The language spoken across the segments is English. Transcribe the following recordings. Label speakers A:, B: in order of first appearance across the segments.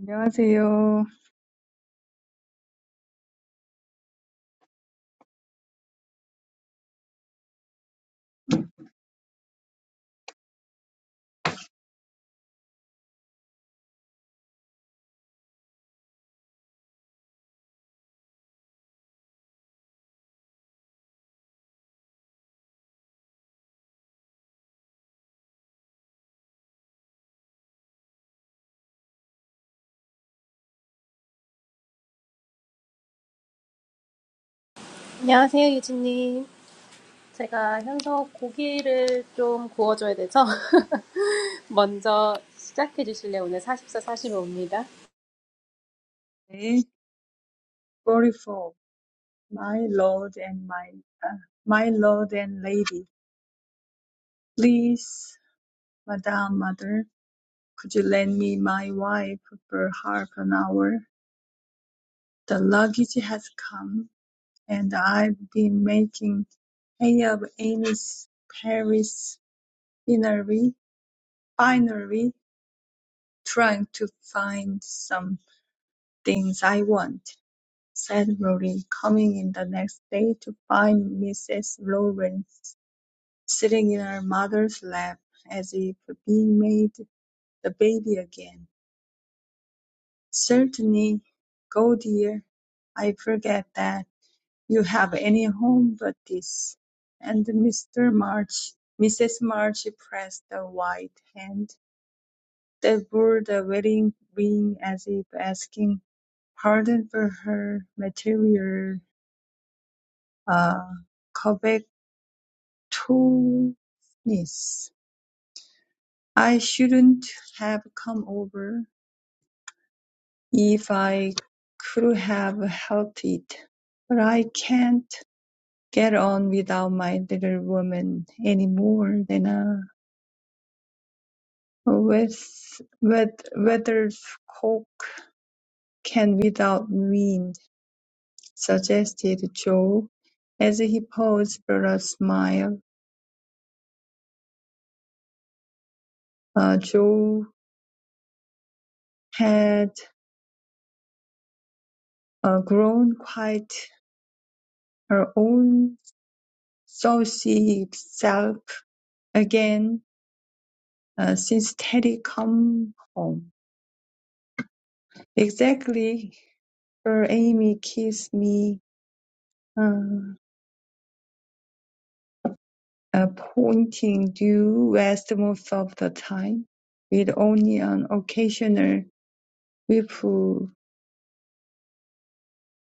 A: 안녕하세요.
B: 안녕하세요, 유진님. 제가 현서 고기를 좀 구워줘야 돼서 먼저 시작해 주실래요? 오늘 44, 45입니다.
A: 네, 44. My lord and my, uh, my lord and lady, please, madam, mother, could you lend me my wife for half an hour? The luggage has come, and I've been making hay of Amy's Paris finery, finery, trying to find some things I want. said Rory, coming in the next day to find Mrs. Lawrence sitting in her mother's lap, as if being made the baby again. "Certainly, go, dear. I forget that you have any home but this." And Mr. March, Mrs. March pressed the white hand that bore the wedding ring as if asking pardon for her material uh, covet Toonis. I shouldn't have come over if I could have helped it, but I can't get on without my little woman any more than a with with weth- weathercock can without wind, suggested Joe, as he paused for a smile. Uh, Joe had uh, grown quite her own So she exulted again, uh, since Teddy come home. Exactly, her Amy kissed me, uh, uh, pointing due west most of the time, with only an occasional ripple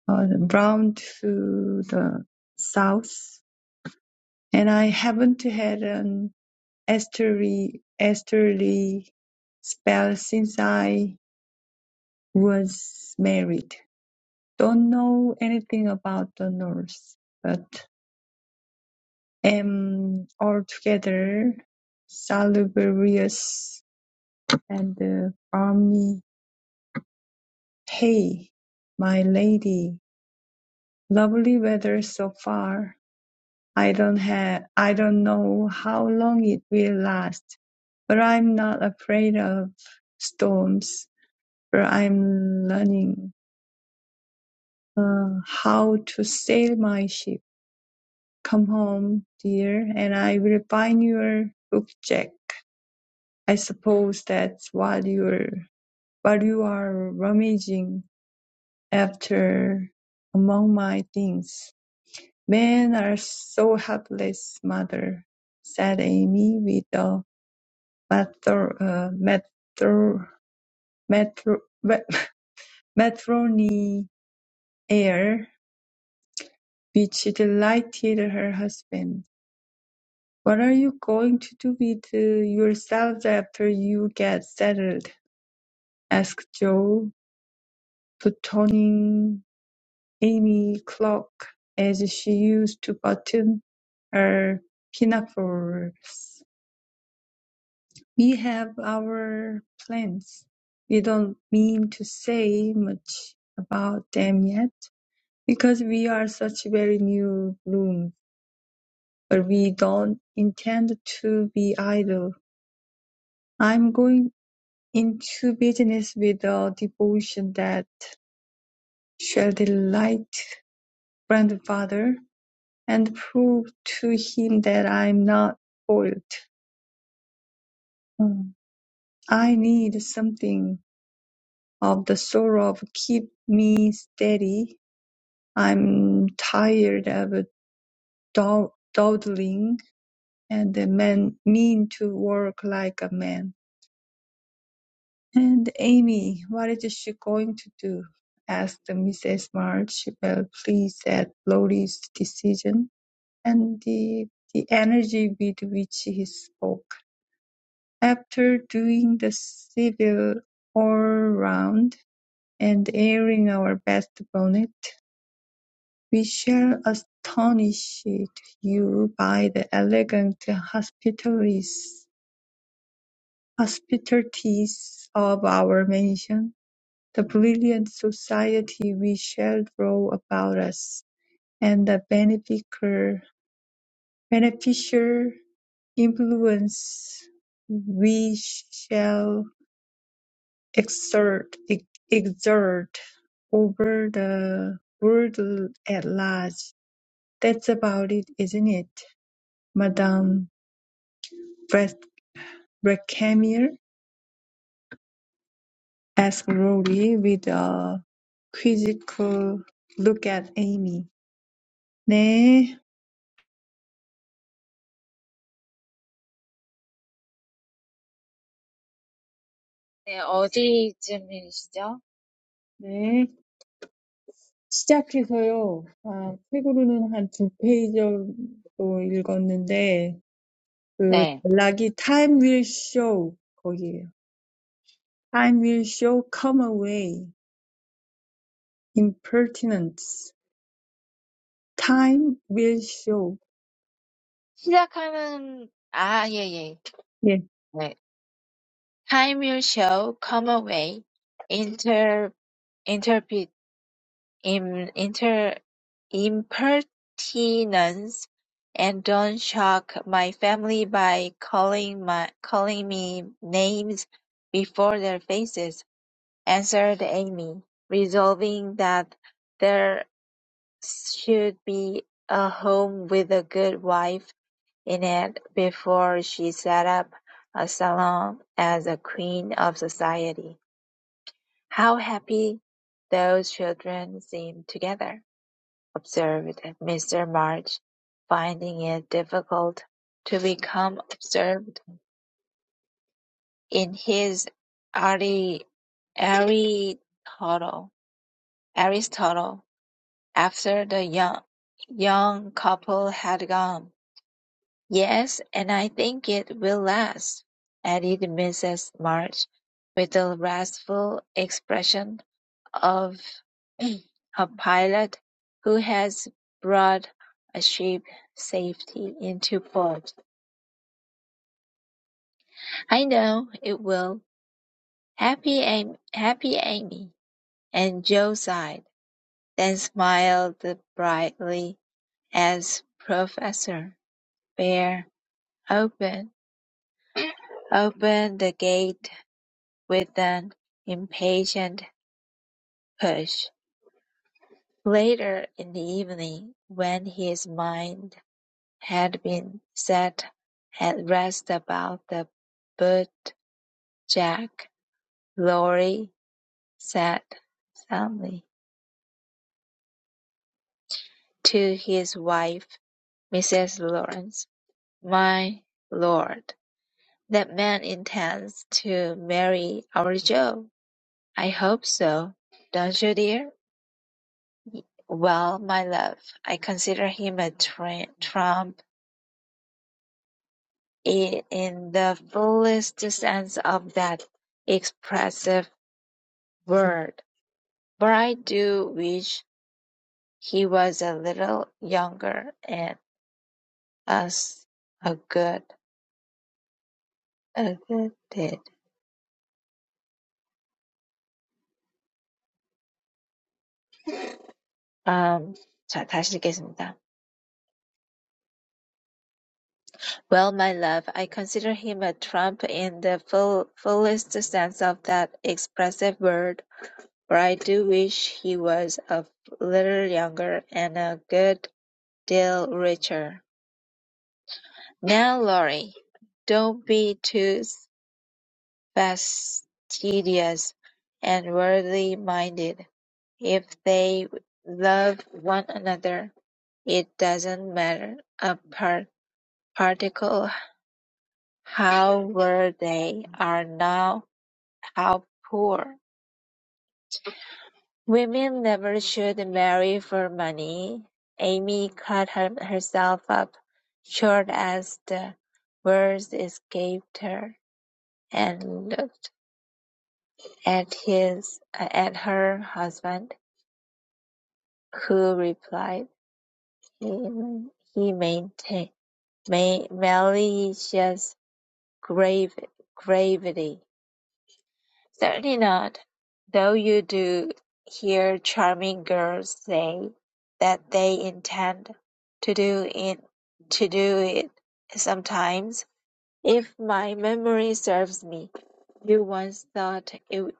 A: uh, round to the south. And I haven't had an easterly, easterly spell since I was married. don't know anything about the north, but am altogether salubrious and uh, balmy. Hey, my lady, lovely weather so far. I don't have, I don't know how long it will last, but I'm not afraid of storms. For I'm learning uh, how to sail my ship Come home, dear, and I will find your bookjack. I suppose that's what you're what you are rummaging after among my things. Men are so helpless, mother, said Amy with a matro, uh, matro, matro, matro, matrony air which delighted her husband. What are you going to do with uh, yourselves after you get settled? asked Joe, buttoning Amy cloak as she used to button her pinafores. We have our plans. We don't mean to say much about them yet, because we are such very new rooms, but we don't intend to be idle. I'm going into business with a devotion that shall delight grandfather and prove to him that I'm not spoiled. Mm. I need something of the sort of keep me steady. I'm tired of dawdling and the man mean to work like a man. And Amy, what is she going to do? asked Mrs. March, well pleased at Lot's decision and the, the energy with which he spoke. After doing the civil all round and airing our best bonnet, we shall astonish you by the elegant hospitalities hospitalities of our mansion The brilliant society we shall draw about us, and the beneficer- beneficial influence we shall exert, ex- exert over the world at large. That's about it, isn't it, Madame Brec- Recamier? asked Rory with a quizzical look at Amy. 네,
C: 네, 어디쯤이시죠?
A: 네. 시작해서요. 아, 책으로는 한두 페이지 정도 읽었는데 그
C: 네.
A: 전락이 Time will show 거기에요. Time will show come away impertinence. Time will show.
C: 시작하는, 아, 예, 예.
A: 예.
C: 네. Time will show, come away, inter, interpret, im, inter, impertinence, and don't shock my family by calling my, calling me names before their faces, answered Amy, resolving that there should be a home with a good wife In it, before she set up a salon as a queen of society. How happy those children seem together, observed Mr. March, finding it difficult to become absorbed in his Ari- Aristotle. Aristotle, after the young, young couple had gone. Yes, and I think it will last, added Mrs. March, with the wrathful expression of a pilot who has brought a ship safely into port. I know it will. Happy Amy, happy Amy. And Joe sighed, then smiled brightly as Professor Bear opened opened the gate with an impatient push, later in the evening, when his mind had been set at rest about the bootjack, Lorry said suddenly to his wife, Mrs. Lawrence, "My lord, that man intends to marry our Joe. I hope so, don't you, dear?" Well, my love, I consider him a tr- trump i- in the fullest sense of that expressive word, but I do wish he was a little younger and as a good, a good kid. Um, 자, 다시 읽겠습니다. Well, my love, I consider him a trump in the full, fullest sense of that expressive word, But I do wish he was a little younger and a good deal richer. Now, Laurie, don't be too fastidious and worldly minded. If they love one another, it doesn't matter a par- particle how well they are now, how poor. Women never should marry for money. Amy cut her- herself up short as the words escaped her, and looked at his uh, at her husband, who replied "He he maintained ma- malicious grave, gravity. Certainly not, though you do hear charming girls say that they intend to do it to do it sometimes. If my memory serves me, you once thought it,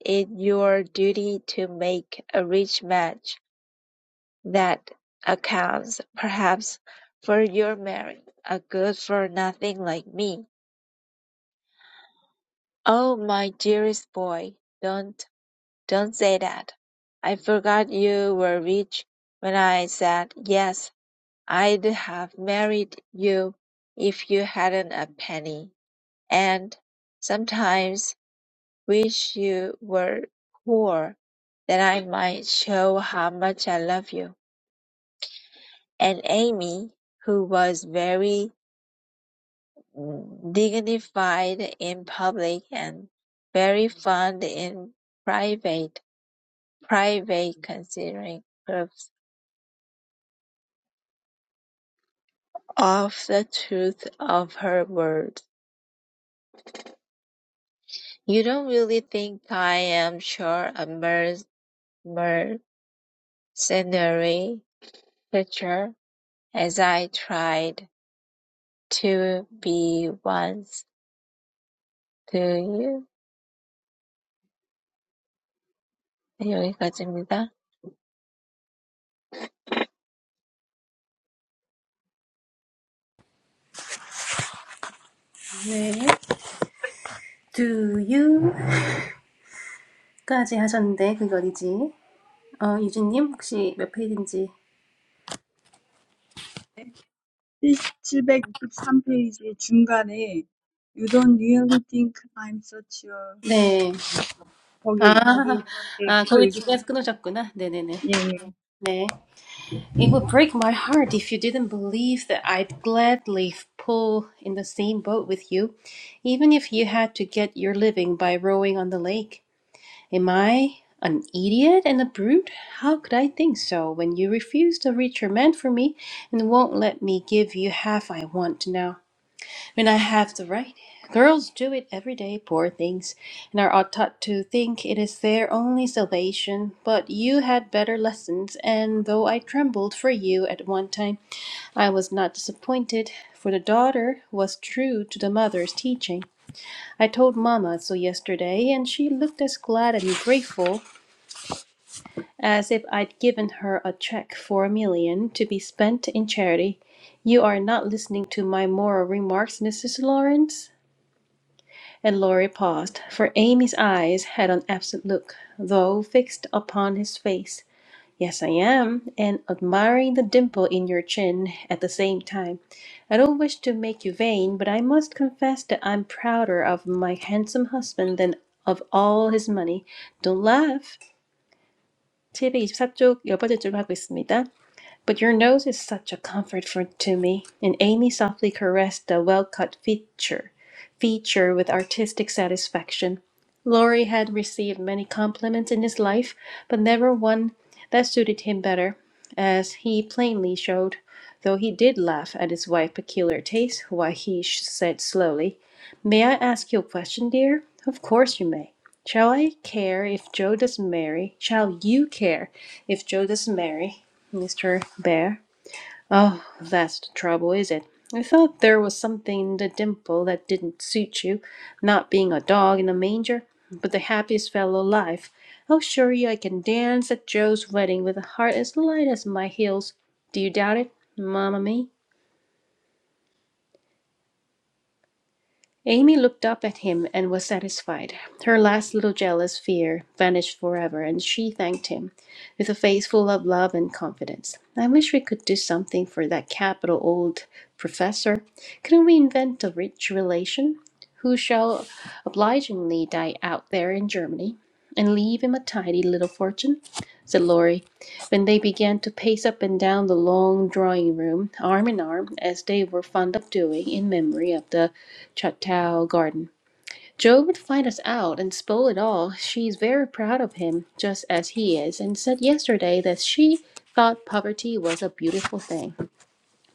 C: it your duty to make a rich match that accounts perhaps for your marrying a good for nothing like me. Oh, my dearest boy, don't Don't say that. I forgot you were rich when I said, yes, I'd have married you if you hadn't a penny, and sometimes wish you were poor, that I might show how much I love you. And Amy, who was very dignified in public and very fond in private, private considering curves of the truth of her words. You don't really think I am sure a mer- mercenary creature, as I tried to be once, do you? 네, 여기까지입니다.
B: 네. Do you까지 하셨는데 그게 어디지? 어, 유진님 혹시 몇 페이지인지?
A: 칠백육십삼 페이지 중간에 You don't really think I'm such a
B: 네. 아,
A: 거기 거기
B: 아
A: 때부터
B: 거기
A: 읽으시
B: 중간에서 끊으셨구나. 네네네.
A: 예예
B: 네. It would break my heart if you didn't believe that I'd gladly pull in the same boat with you, even if you had to get your living by rowing on the lake. Am I an idiot and a brute? How could I think so when you refuse to reach your man for me and won't let me give you half I want now when I have the right? Girls do it every day, poor things, and are taught to think it is their only salvation. But you had better lessons, and though I trembled for you at one time, I was not disappointed, for the daughter was true to the mother's teaching. I told Mamma so yesterday, and she looked as glad and grateful as if I'd given her a check for a million to be spent in charity. You are not listening to my moral remarks, Mrs. Lawrence? And Laurie paused, for Amy's eyes had an absent look, though fixed upon his face. Yes, I am, and admiring the dimple in your chin at the same time. I don't wish to make you vain, but I must confess that I'm prouder of my handsome husband than of all his money. Don't laugh. 724쪽 열 번째 줄을 하고 있습니다. But your nose is such a comfort for, to me. And Amy softly caressed the well cut feature, feature with artistic satisfaction. Laurie had received many compliments in his life, but never one that suited him better, as he plainly showed, though he did laugh at his wife's peculiar taste, while he sh- said slowly, May I ask you a question, dear? Of course you may. Shall I care if Joe doesn't marry? Shall you care if Joe doesn't marry? Mr. Bear. Oh, that's the trouble, is it? I thought there was something in the dimple that didn't suit you, not being a dog in a manger, but the happiest fellow alive. I'll show you I can dance at Joe's wedding with a heart as light as my heels. Do you doubt it, mamma mia? Amy looked up at him and was satisfied. Her last little jealous fear vanished forever, and she thanked him with a face full of love and confidence. I wish we could do something for that capital old professor. Couldn't we invent a rich relation who shall obligingly die out there in Germany and leave him a tidy little fortune? said Laurie, when they began to pace up and down the long drawing room, arm in arm, as they were fond of doing in memory of the Chuttow Garden. Joe would find us out and spoil it all. She is very proud of him, just as he is, and said yesterday that she thought poverty was a beautiful thing.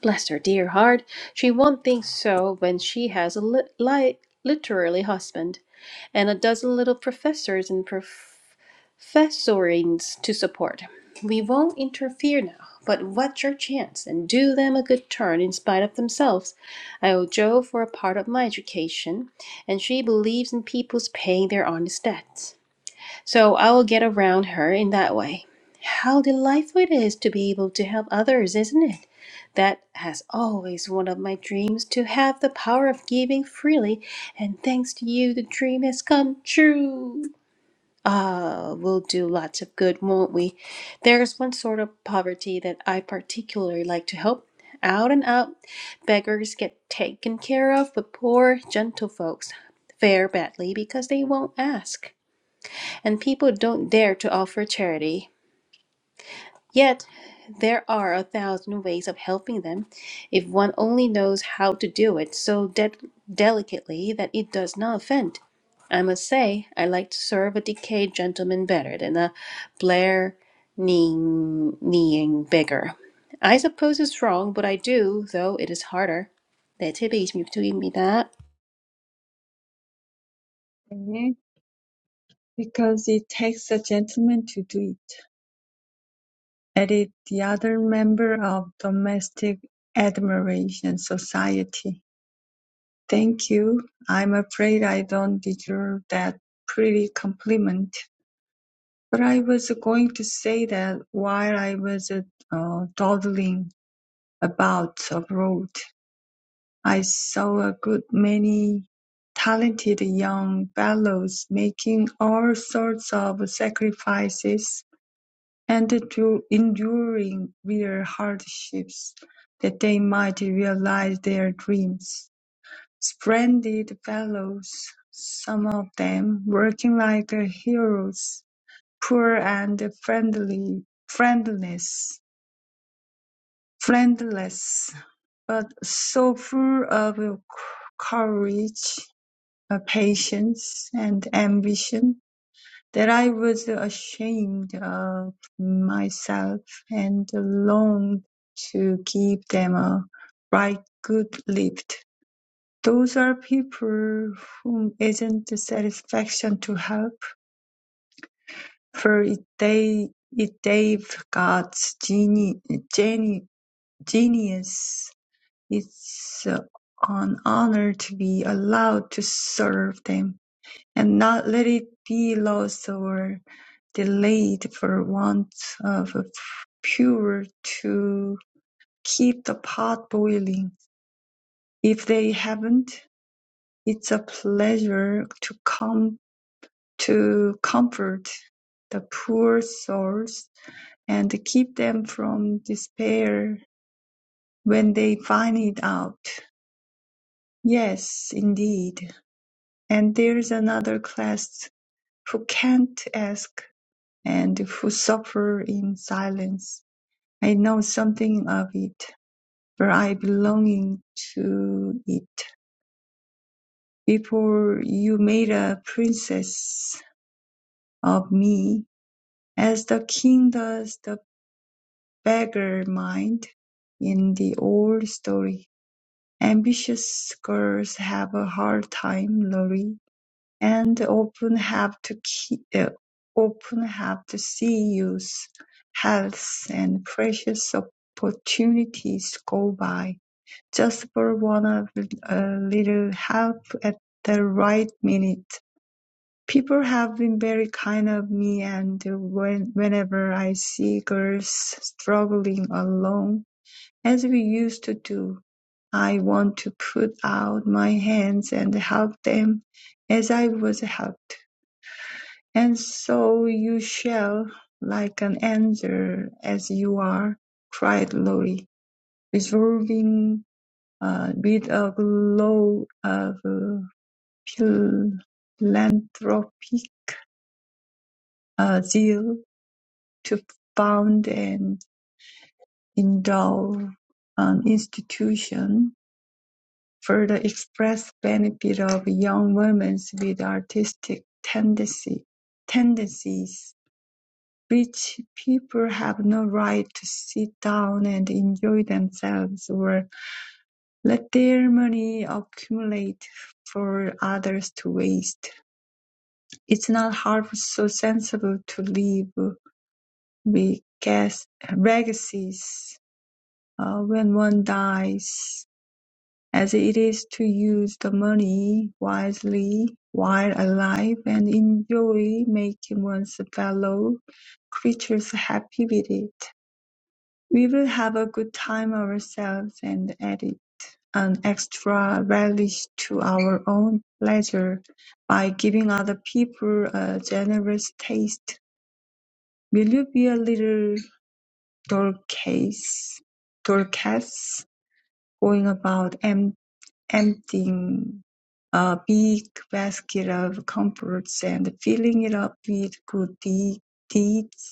B: Bless her dear heart, she won't think so when she has a li- li- literary husband and a dozen little professors and Festoorings to support. We won't interfere now, but watch your chance and do them a good turn in spite of themselves. I owe Jo for a part of my education, and she believes in people's paying their honest debts. So I will get around her in that way. How delightful it is to be able to help others, isn't it? That has always one of my dreams to have the power of giving freely, and thanks to you, the dream has come true. Ah, we'll do lots of good, won't we? There's one sort of poverty that I particularly like to help. Out and out, beggars get taken care of, but poor gentlefolks fare badly because they won't ask, and people don't dare to offer charity. Yet, there are a thousand ways of helping them if one only knows how to do it so de- delicately that it does not offend. I must say, I like to serve a decayed gentleman better than a Blair kneeing, kneeing beggar. I suppose it's wrong, but I do, though it is harder. 네, 726쪽입니다.
A: 네. Because it takes a gentleman to do it. Edit the other member of Domestic Admiration Society. Thank you. I'm afraid I don't deserve that pretty compliment. But I was going to say that while I was uh, dawdling about abroad, I saw a good many talented young fellows making all sorts of sacrifices and to enduring real hardships that they might realize their dreams. Splendid fellows, some of them working like heroes, poor and friendly, friendless, friendless, but so full of courage, uh, patience, and ambition that I was ashamed of myself and longed to give them a right good lift. Those are people whom isn't the satisfaction to help, for it they it gave God's geni- geni- genius. It's an honor to be allowed to serve them. and not let it be lost or delayed for want of a to keep the pot boiling. If they haven't, it's a pleasure to come to comfort the poor souls and keep them from despair when they find it out. Yes, indeed. And there's another class who can't ask and who suffer in silence. I know something of it, for I belong to it. Before you made a princess of me, as the king does the beggar mind in the old story. Ambitious girls have a hard time, Lorry and often have to ke- uh, often have to see youth, health, and precious opportunities go by just for one of a little help at the right minute. People have been very kind of me, and when, whenever I see girls struggling alone, as we used to do, I want to put out my hands and help them as I was helped. And so you shall, like an angel as you are, cried Lolly, resolving uh, with a glow of uh, philanthropic uh, zeal to found and endow an institution for the express benefit of young women with artistic tendency, tendencies Rich people have no right to sit down and enjoy themselves or let their money accumulate for others to waste. It's not half so sensible to leave big legacies uh, when one dies as it is to use the money wisely while alive and enjoy making one's fellow creatures happy with it. We will have a good time ourselves and add an extra relish to our own pleasure by giving other people a generous taste. Will you be a little Dorcas, Dorcas, going about em- emptying a big basket of comforts and filling it up with good de- deeds?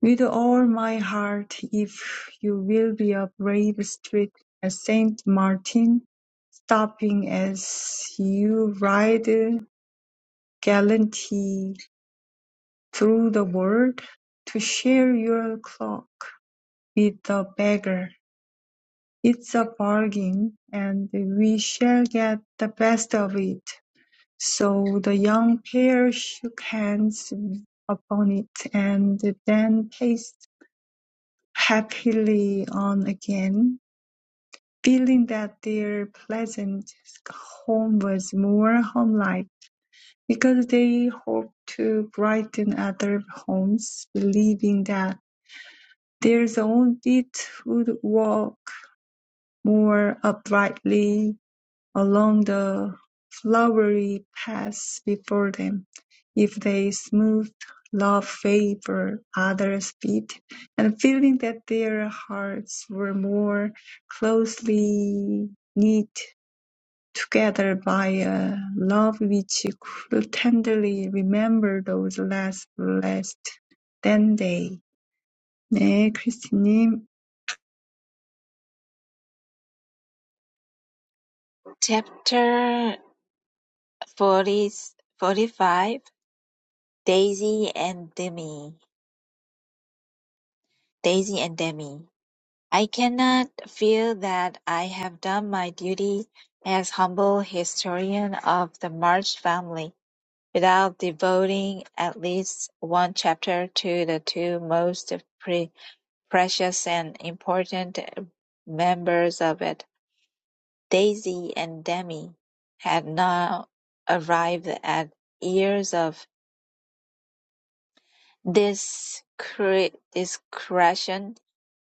A: With all my heart, if you will be a brave street at Saint Martin, stopping as you ride gallantly through the world, to share your cloak with the beggar. It's a bargain, and we shall get the best of it. So the young pair shook hands upon it, and then paced happily on again feeling that their pleasant home was more homelike, because they hoped to brighten other homes, believing that their own feet would walk more uprightly along the flowery paths before them, if they smoothed love favor others' feet, and feeling that their hearts were more closely knit Together by a love which could tenderly remember those last blessed then day. 네, 크리스님.
C: Chapter 40, 45 Daisy and Demi. Daisy and Demi. I cannot feel that I have done my duty as humble historian of the March family. without devoting at least one chapter to the two most pre- precious and important members of it. Daisy and Demi had now arrived at years of discre- discretion,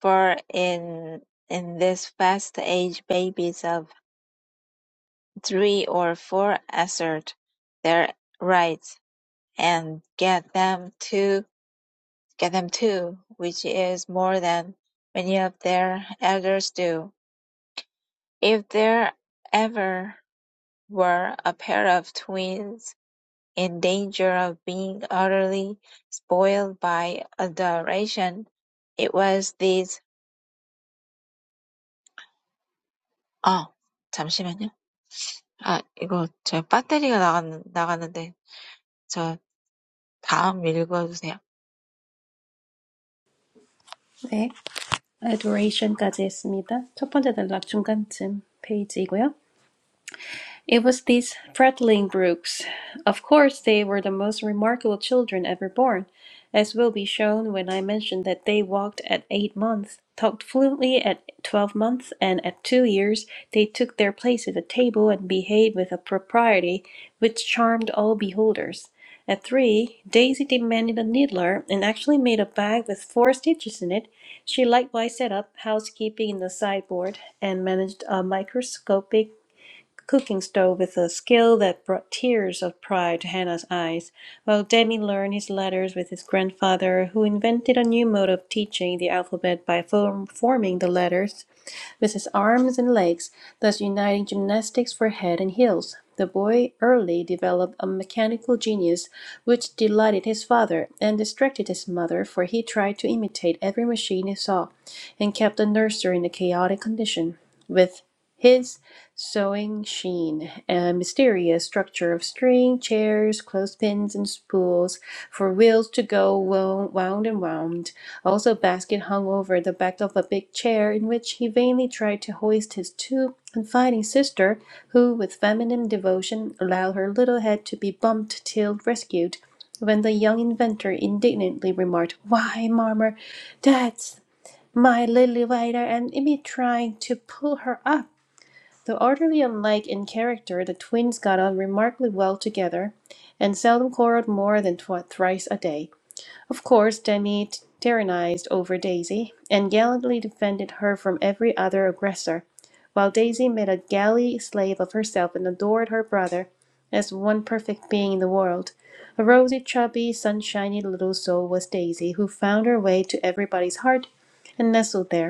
C: for in in this fast age, babies of three or four assert their rights and get them to. get them too, which is more than many of their elders do. If there ever were a pair of twins in danger of being utterly spoiled by adoration, it was these. 아, 잠시만요. 아, 이거 제 배터리가 나갔, 나갔는데 저 다음 읽어주세요.
B: 네, adoration까지 했습니다. 첫 번째 단락 중간쯤 페이지이고요. It was these prattling Brooks. Of course, they were the most remarkable children ever born, as will be shown when I mention that they walked at eight months, talked fluently at twelve months, and at two years they took their place at the table and behaved with a propriety which charmed all beholders. At three, Daisy demanded a needler and actually made a bag with four stitches in it. She likewise set up housekeeping in the sideboard and managed a microscopic cooking stove with a skill that brought tears of pride to Hannah's eyes, while Danny learned his letters with his grandfather, who invented a new mode of teaching the alphabet by form- forming the letters with his arms and legs, thus uniting gymnastics for head and heels. The boy early developed a mechanical genius which delighted his father and distracted his mother, for he tried to imitate every machine he saw, and kept the nursery in a chaotic condition. With his sewing sheen a mysterious structure of string, chairs, clothespins, and spools for wheels to go wound and wound. Also, basket hung over the back of a big chair in which he vainly tried to hoist his too confiding sister, who, with feminine devotion, allowed her little head to be bumped till rescued, when the young inventor indignantly remarked, Why, Marmer, that's my lily whiter, and it be trying to pull her up. Though utterly unlike in character, the twins got on remarkably well together, and seldom quarreled more than twi- thrice a day. Of course, Danny tyrannized over Daisy and gallantly defended her from every other aggressor, while Daisy made a galley slave of herself and adored her brother as one perfect being in the world. A rosy, chubby, sunshiny little soul was Daisy, who found her way to everybody's heart and nestled there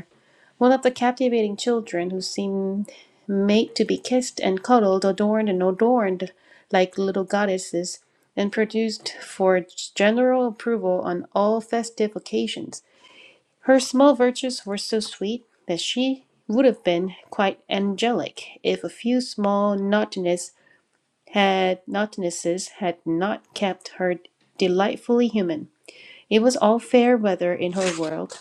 B: one of the captivating children who seemed made to be kissed and cuddled, adorned and adorned like little goddesses, and produced for general approval on all festive occasions. Her small virtues were so sweet that she would have been quite angelic if a few small naughtinesses had naughtinesses had not kept her delightfully human. It was all fair weather in her world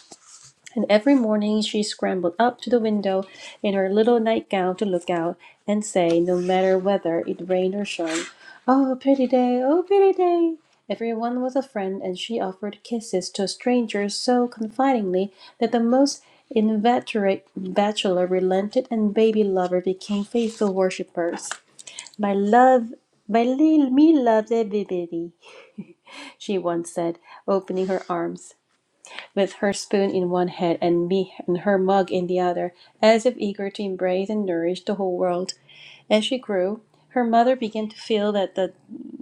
B: and every morning she scrambled up to the window in her little nightgown to look out and say, no matter whether it rained or shone, Oh, pretty day, oh, pretty day. Everyone was a friend, and she offered kisses to strangers so confidingly that the most inveterate bachelor relented and baby lover became faithful worshippers. My love, my little me loves everybody, she once said, opening her arms with her spoon in one hand and me and her mug in the other, as if eager to embrace and nourish the whole world. As she grew, her mother began to feel that the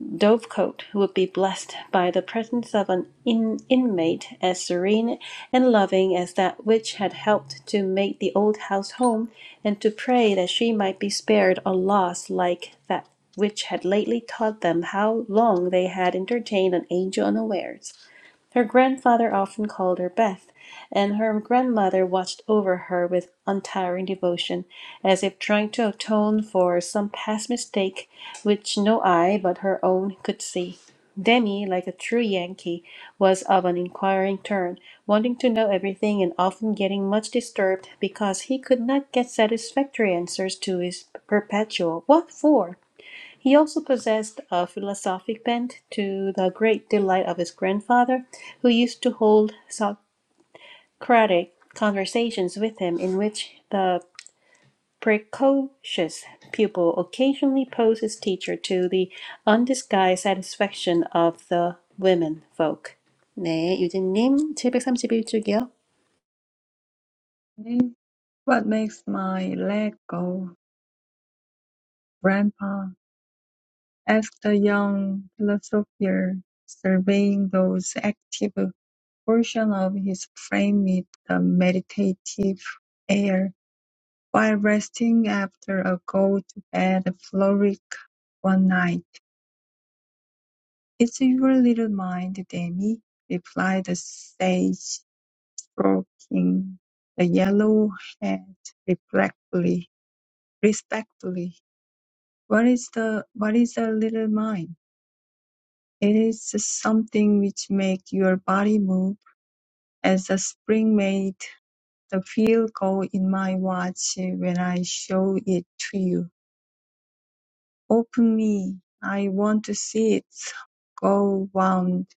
B: dovecote would be blessed by the presence of an in- inmate as serene and loving as that which had helped to make the old house home, and to pray that she might be spared a loss like that which had lately taught them how long they had entertained an angel unawares. Her grandfather often called her Beth, and her grandmother watched over her with untiring devotion, as if trying to atone for some past mistake which no eye but her own could see. Demi, like a true Yankee, was of an inquiring turn, wanting to know everything and often getting much disturbed because he could not get satisfactory answers to his perpetual "What for?" He also possessed a philosophic bent, to the great delight of his grandfather, who used to hold Socratic conversations with him, in which the precocious pupil occasionally posed his teacher to the undisguised satisfaction of the women folk. 네, 유진님 칠백삼십일 쪽이요.
A: 네. What makes my leg go, Grandpa? asked the young philosopher, surveying those active portion of his frame with a meditative air, while resting after a go-to-bed frolic one night. "It's your little mind, Demi," replied the sage, stroking the yellow head reflectively. respectfully. "What is the what is a little mind? It is something which makes your body move, as the spring made the wheel go in my watch when I show it to you. Open me. I want to see it go round.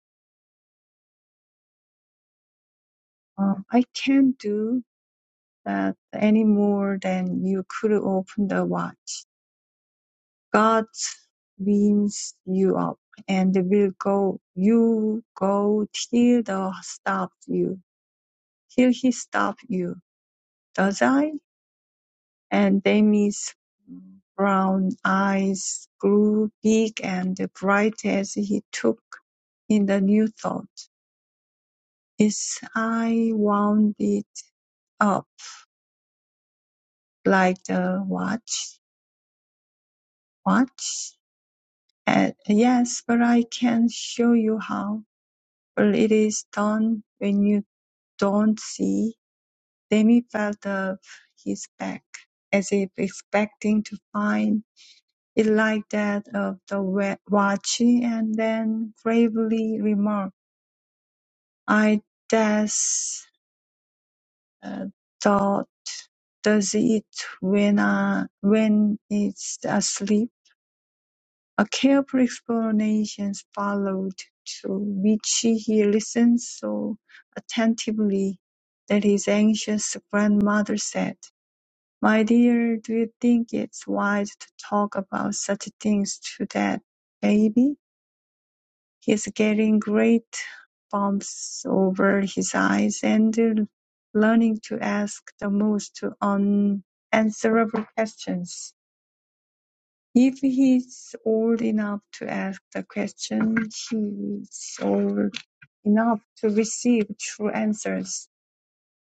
A: Uh, I can't do. that any more than you could open the watch. God winds you up and will go, you go till the stop you, till he stop you. Does I? And Demi's brown eyes grew big and bright as he took in the new thought. Is I wound it up like the watch, watch. Uh, yes, but I can show you how. Well, it is done when you don't see. Demi felt of his back, as if expecting to find it like that of the wa- watch, and then gravely remarked, I just uh, thought does it when, uh, when it's asleep. A careful explanation followed, to which he listened so attentively that his anxious grandmother said, "My dear, do you think it's wise to talk about such things to that baby? He's getting great bumps over his eyes and learning to ask the most unanswerable questions." If he's old enough to ask the question, he's old enough to receive true answers.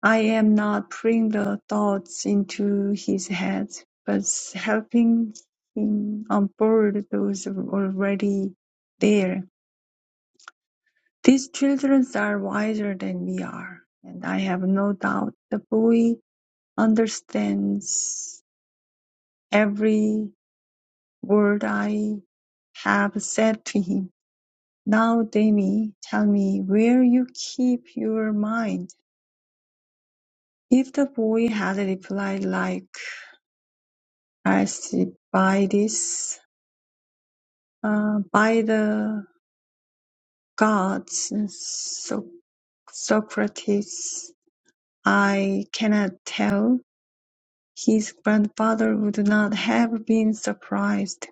A: I am not putting the thoughts into his head, but helping him onboard those already there. These children are wiser than we are, and I have no doubt the boy understands every word I have said to him. Now, Demi, tell me where you keep your mind. If the boy had replied like Alcibiades, uh, by the gods, so- Socrates, I cannot tell, his grandfather would not have been surprised.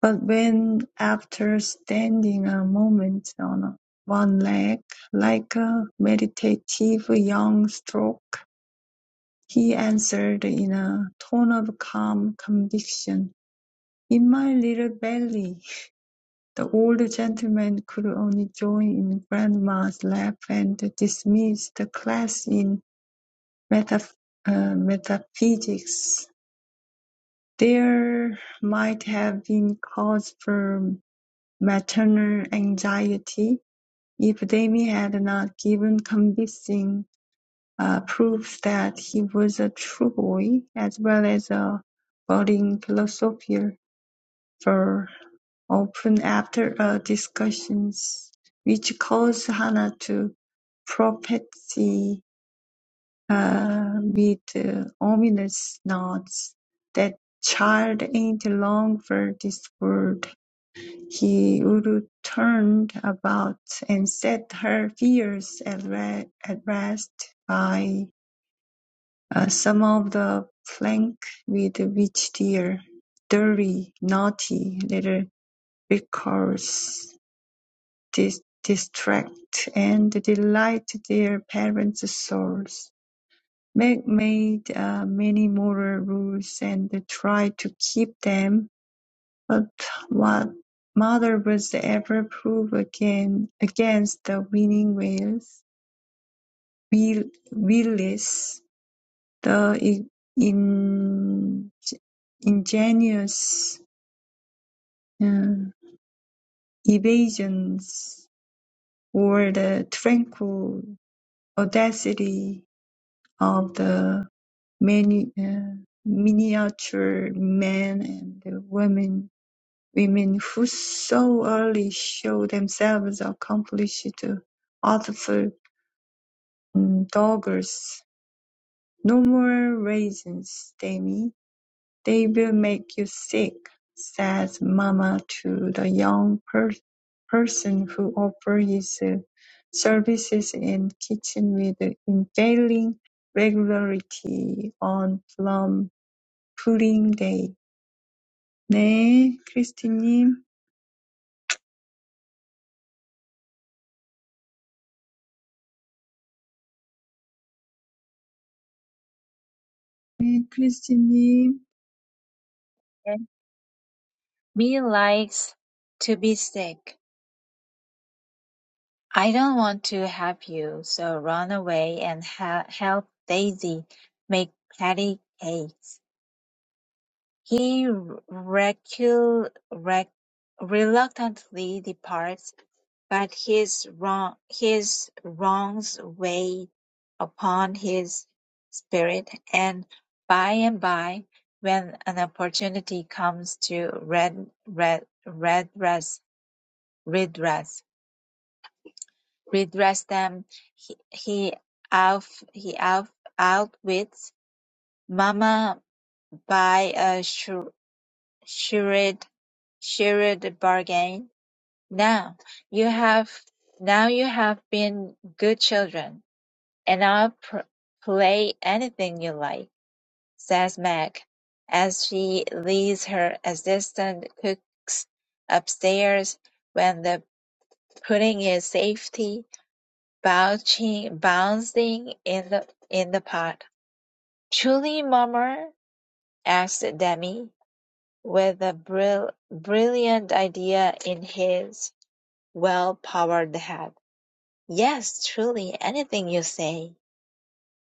A: But when, after standing a moment on one leg, like a meditative young stork, He answered in a tone of calm conviction, "In my little belly." The old gentleman could only join in Grandma's laugh and dismiss the class in metaph- uh, metaphysics. There might have been cause for maternal anxiety if Jamie had not given convincing uh, proves that he was a true boy, as well as a budding philosopher, for often after uh, discussions which caused Hannah to prophesy uh, with uh, ominous nods that child ain't long for this world. He would turn about and set her fears at, re- at rest by Uh, some of the plank with which their dirty, naughty little rickers dis- distract and delight their parents' souls. Meg made uh, many moral rules and tried to keep them, but what mother was ever proof again against the winning wills, will, willis The in, ingenious uh, evasions or the tranquil audacity of the many uh, miniature men and women women who so early show themselves accomplished author mm, doggers. No more raisins, Demi "They will make you sick," says Mama to the young per- person who offers his uh, services in kitchen with unfailing regularity on plum pudding day. 네, 크리스티님. 네, 크리스티님.
C: Me likes to be sick. I don't want to help you, so run away and hel- help Daisy make patty cakes. He recu- rec- reluctantly departs, but his wrong his wrongs weigh upon his spirit, and by and by, when an opportunity comes to red red redress redress redress them. He he out he out outwits Mama by a shr- shrewd shrewd bargain. Now you have now you have been good children, and I'll pr- play anything you like," says Meg, as she leads her assistant cooks upstairs when the pudding is safety Bouncing bouncing in the in the pot. "Truly, Mummer asked Demi, with a brill brilliant idea in his well-powered head. "Yes, truly, anything you say,"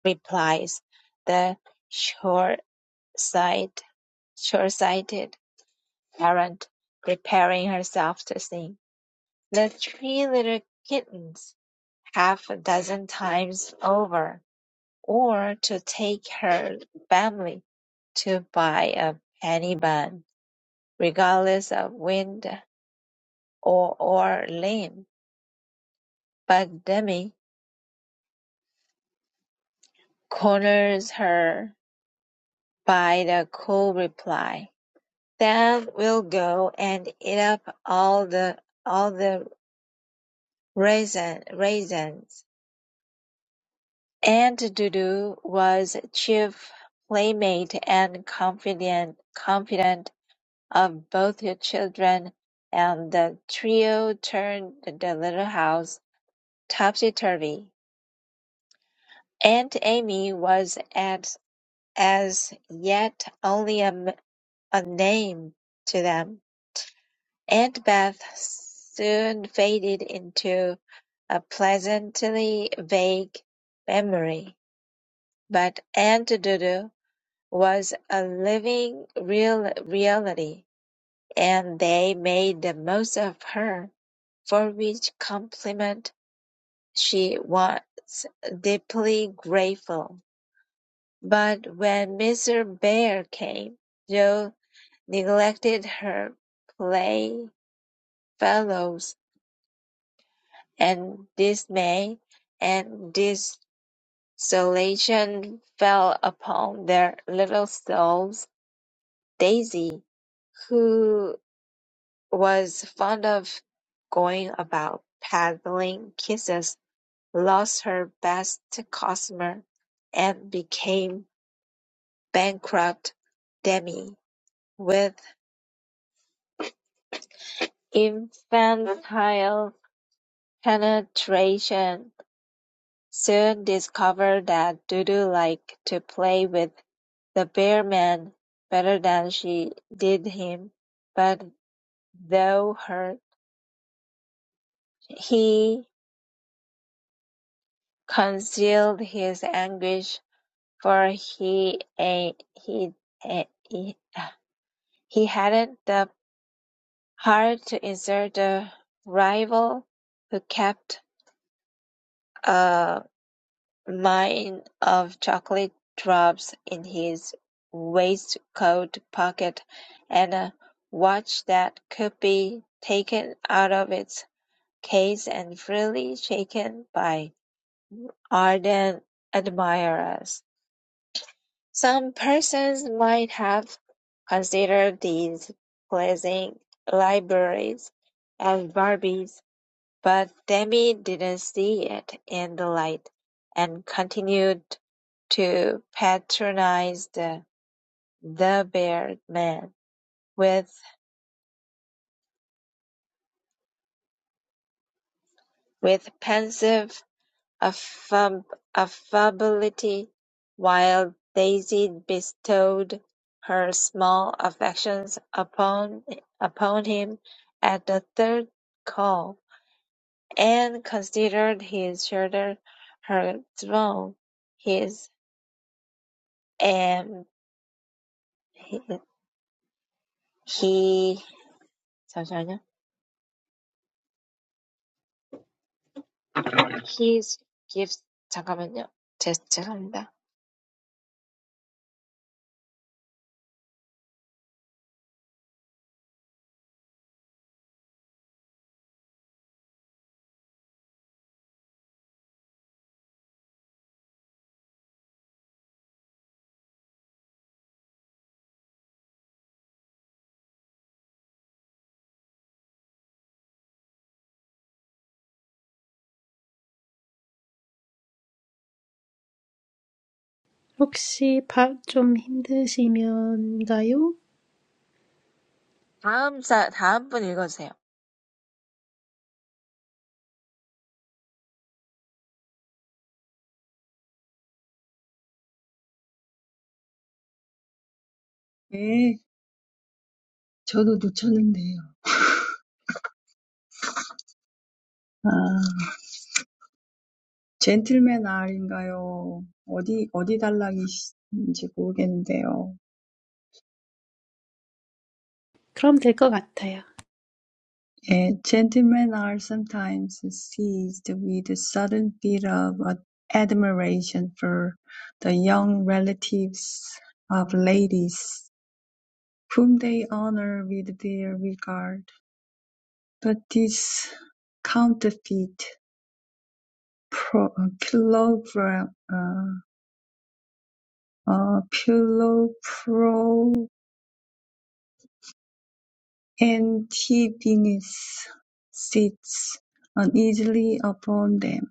C: replies the short-sight, short-sighted parent, preparing herself to sing. "The three little kittens" half a dozen times over. or to take her family to buy a penny bun, regardless of wind or, or limb. But Demi corners her by the cool reply. Then we'll go and eat up all the all the raisin, raisins. Aunt Dudu was chief playmate and confident confidant of both her children, and the trio turned the little house topsy-turvy. Aunt Amy was at as yet only a a name to them. Aunt Beth soon faded into a pleasantly vague memory, but Aunt Dodo was a living real reality. And they made the most of her, for which compliment she was deeply grateful. But when Mr. Bear came, Joe neglected her playfellows, and dismay and desolation fell upon their little souls. Daisy, who was fond of going about peddling kisses, lost her best customer, and became bankrupt Demi with infantile penetration soon discovered that Dudu liked to play with the bear man better than she did him, but though her he concealed his anguish For he eh, he eh, he uh, he hadn't the heart to insult a rival who kept a mine of chocolate drops in his waistcoat pocket and a watch that could be taken out of its case and freely shaken by ardent admirers. Some persons might have considered these pleasing libraries as Barbies, but Demi didn't see it in the light, and continued to patronize the the bearded man with with pensive affab- affability, while Daisy bestowed her small affections upon upon him at the third call, and considered his shoulder her throne. His and he 잠시만요. His gifts 잠깐만요. 제, 죄송합니다.
B: 혹시 밥 좀 힘드시면가요?
C: 다음 사 다음 분 읽어주세요.
A: 네, 저도 놓쳤는데요. 아, 젠틀맨 R인가요? 어디, 어디 달락이신지 모르겠는데요.
B: 그럼 될 것 같아요.
A: Uh, gentlemen are sometimes seized with a sudden fit of admiration for the young relatives of ladies, whom they honor with their regard. But this counterfeit pro- pilofra- uh, uh, pilofroentibinus sits uneasily upon them.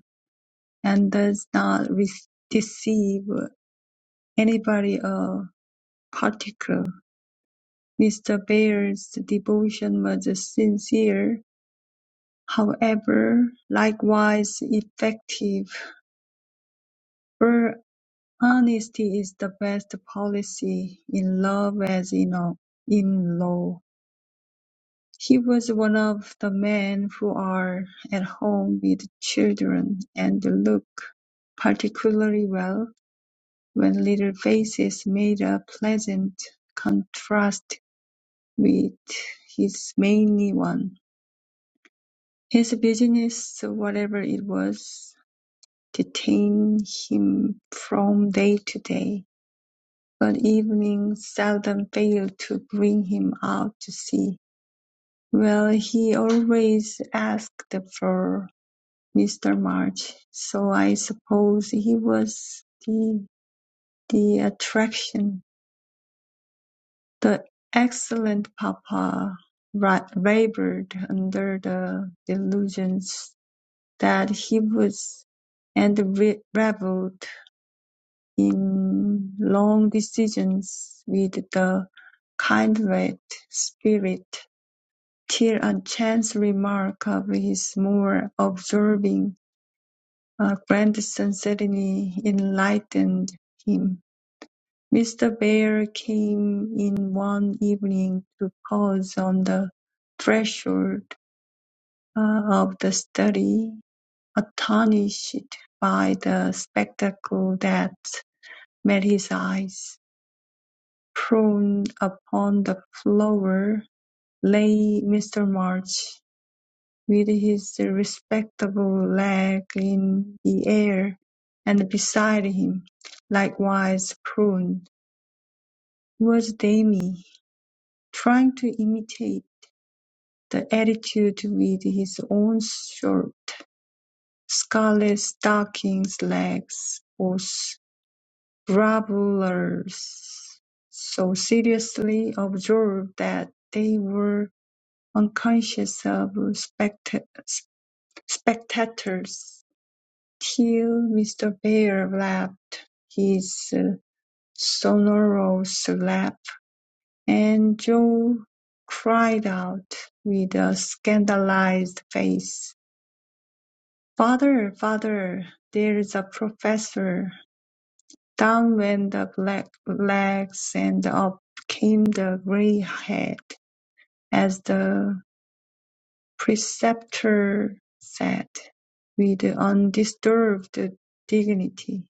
A: and does not re- deceive anybody or particular. Mr. Bear's devotion was sincere, however, likewise effective. For honesty is the best policy in love as in all- in law. He was one of the men who are at home with children and look particularly well When little faces made a pleasant contrast with his manly one, his business, whatever it was, detained him from day to day, but evening seldom failed to bring him out to sea, where he always asked for Mr. March, so I suppose he was the, the attraction. The excellent papa wavered under the delusions that he was, and revelled in long decisions with the kindred spirit, till a chance remark of his more observing uh, grandson suddenly enlightened him. Mr. Bear came in one evening to pause on the threshold uh, of the study, astonished by the spectacle that met his eyes. Prone upon the floor lay Mr. March, with his respectable leg in the air, and beside him, likewise prone, was Dammy. trying to imitate the attitude with his own short, scarlet stockings legs was grovellers so seriously observed that they were unconscious of spect- spectators till Mr. Bear laughed his uh, sonorous laugh And Joe cried out with a scandalized face, "Father, father, there's a professor!" Down went the black legs and up came the gray head, as the preceptor said, with undisturbed dignity,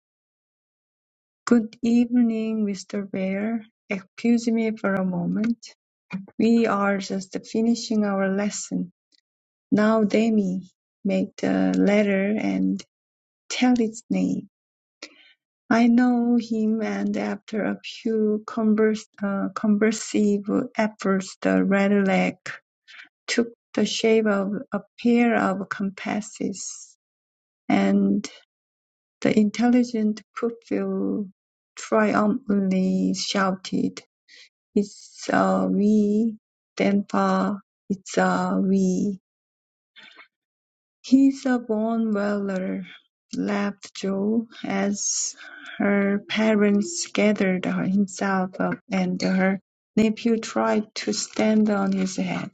A: "Good evening, Mr. Ware. Excuse me for a moment. We are just finishing our lesson. Now Demi, make the letter and tell its name. I know him and after a few converse, uh, conversive efforts the red leg took the shape of a pair of compasses and the intelligent pupil triumphantly shouted, It's a we, Denpa, it's a we. "He's a born welder," laughed Jo, as her parents gathered himself up and her nephew tried to stand on his head,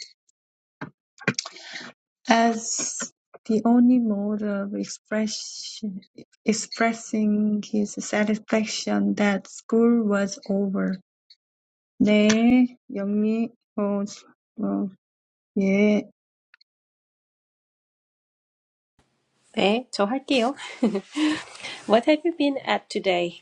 A: as the only mode of express- expressing his satisfaction that school was over. 네, 영미, 어, 어, 예,
B: 네, 저 할게요. What have you been at today?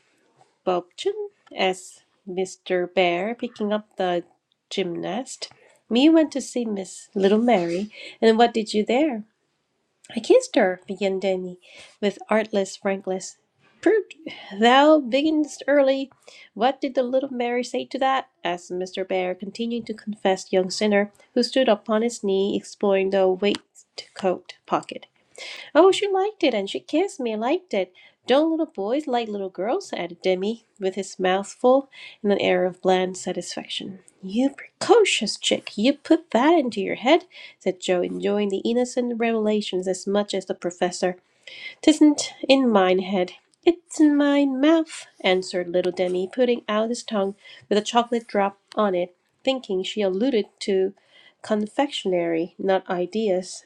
B: Bobchen asked Mr. Bear picking up the gymnast. Me went to see Miss Little Mary, and what did you there? I kissed her, began Danny, with artless frankness. Prut, thou beginnest early. What did the little Mary say to that? asked Mr. Bear, continuing to confess young sinner, who stood upon his knee, exploring the waistcoat pocket. Oh, she liked it, and she kissed me, liked it. Don't little boys like little girls? added Demi, with his mouth full and an air of bland satisfaction. You precocious chick, you put that into your head, said Joe, enjoying the innocent revelations as much as the professor. Tisn't in mine head. It's in my mouth, answered little Demi, putting out his tongue with a chocolate drop on it, thinking she alluded to confectionery, not ideas.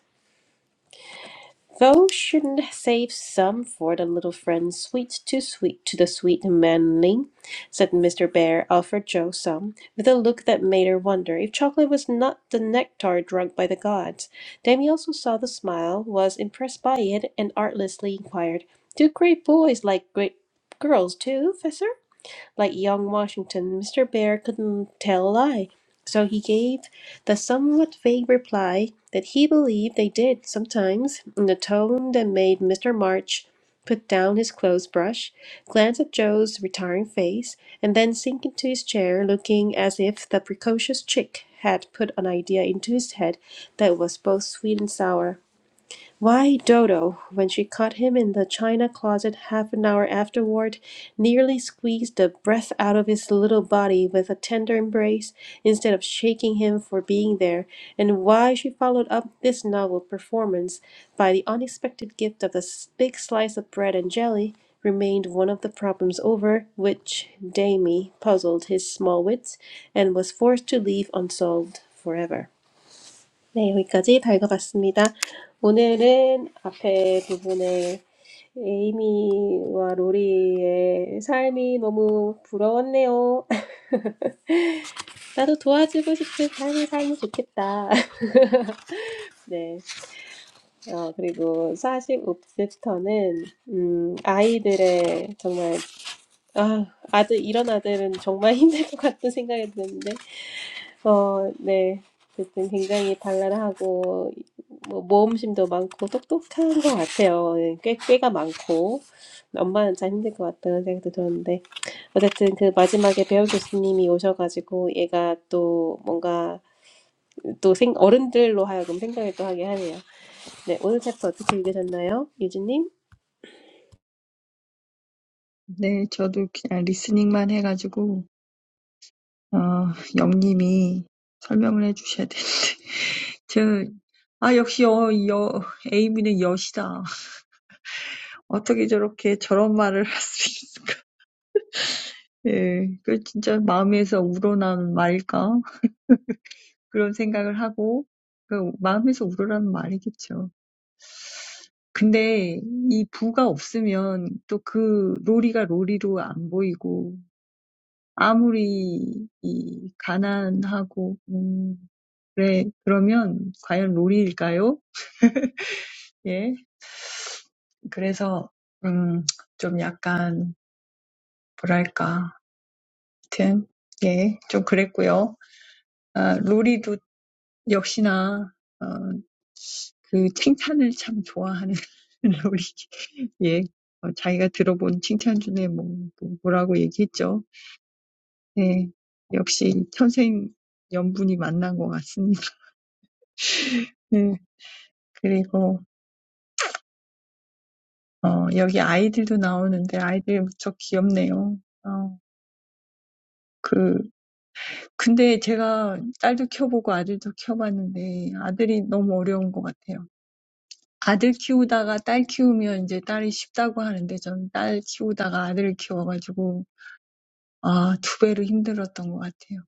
B: Thou shouldn't save some for the little friend sweet to sweet to the sweet manling, said Mr. Bear, offered Joe some, with a look that made her wonder if chocolate was not the nectar drunk by the gods. Dammy also saw the smile, was impressed by it, and artlessly inquired, Do great boys like great girls too, Fessor? Like young Washington, Mr. Bear couldn't tell a lie, so he gave the somewhat vague reply that he believed they did sometimes, in a tone that made Mr. March put down his clothes brush, glance at Joe's retiring face, and then sink into his chair, looking as if the precocious chick had put an idea into his head that was both sweet and sour. Why Dodo, when she caught him in the china closet half an hour afterward, nearly squeezed the breath out of his little body with a tender embrace instead of shaking him for being there, and why she followed up this novel performance by the unexpected gift of the s- big slice of bread and jelly, remained one of the problems over which Damie puzzled his small wits and was forced to leave unsolved forever. 네, 여기까지 읽어봤습니다. 오늘은 앞에 부분에 에이미와 로리의 삶이 너무 부러웠네요. 나도 도와주고 싶은 삶이 살면 좋겠다. 네. 어, 그리고 45부터는, 음, 아이들의 정말, 아, 아들, 이런 아들은 정말 힘들 것 같은 생각이 드는데, 어, 네. 어쨌든 굉장히 발랄하고 뭐 모험심도 많고 똑똑한 것 같아요. 예, 꽤 꾀가 많고 엄마는 참 힘들 것 같다는 생각도 들었는데 어쨌든 그 마지막에 배우 교수님이 오셔가지고 얘가 또 뭔가 또 생, 어른들로 하여금 생각을 또 하게 하네요. 네, 오늘 챕터 어떻게 읽으셨나요, 유진님?
A: 네, 저도 그냥 리스닝만 해가지고 어, 영님이 설명을 해주셔야 되는데. 저는, 아, 역시 여, 여, 에이미는 여시다. 어떻게 저렇게 저런 말을 할 수 있을까? 예, 그 진짜 마음에서 우러난 말일까? 그런 생각을 하고, 그 마음에서 우러난 말이겠죠. 근데 이 부가 없으면 또 그 로리가 로리로 안 보이고, 아무리 이 가난하고, 음, 그래, 그러면 과연 로리일까요? 예. 그래서 음, 좀 약간 뭐랄까 하여튼 예, 좀 그랬고요. 아, 로리도 역시나 어, 그 칭찬을 참 좋아하는 로리 예, 어, 자기가 들어본 칭찬 중에 뭐, 뭐- 뭐라고 얘기했죠. 예, 역시 천생 연분이 만난 것 같습니다. 예, 그리고 어, 여기 아이들도 나오는데 아이들 무척 귀엽네요. 어, 근데 제가 딸도 키워보고 아들도 키워봤는데 아들이 너무 어려운 것 같아요. 아들 키우다가 딸 키우면 이제 딸이 쉽다고 하는데 저는 딸 키우다가 아들을 키워가지고 아, 두 배로 힘들었던 것 같아요.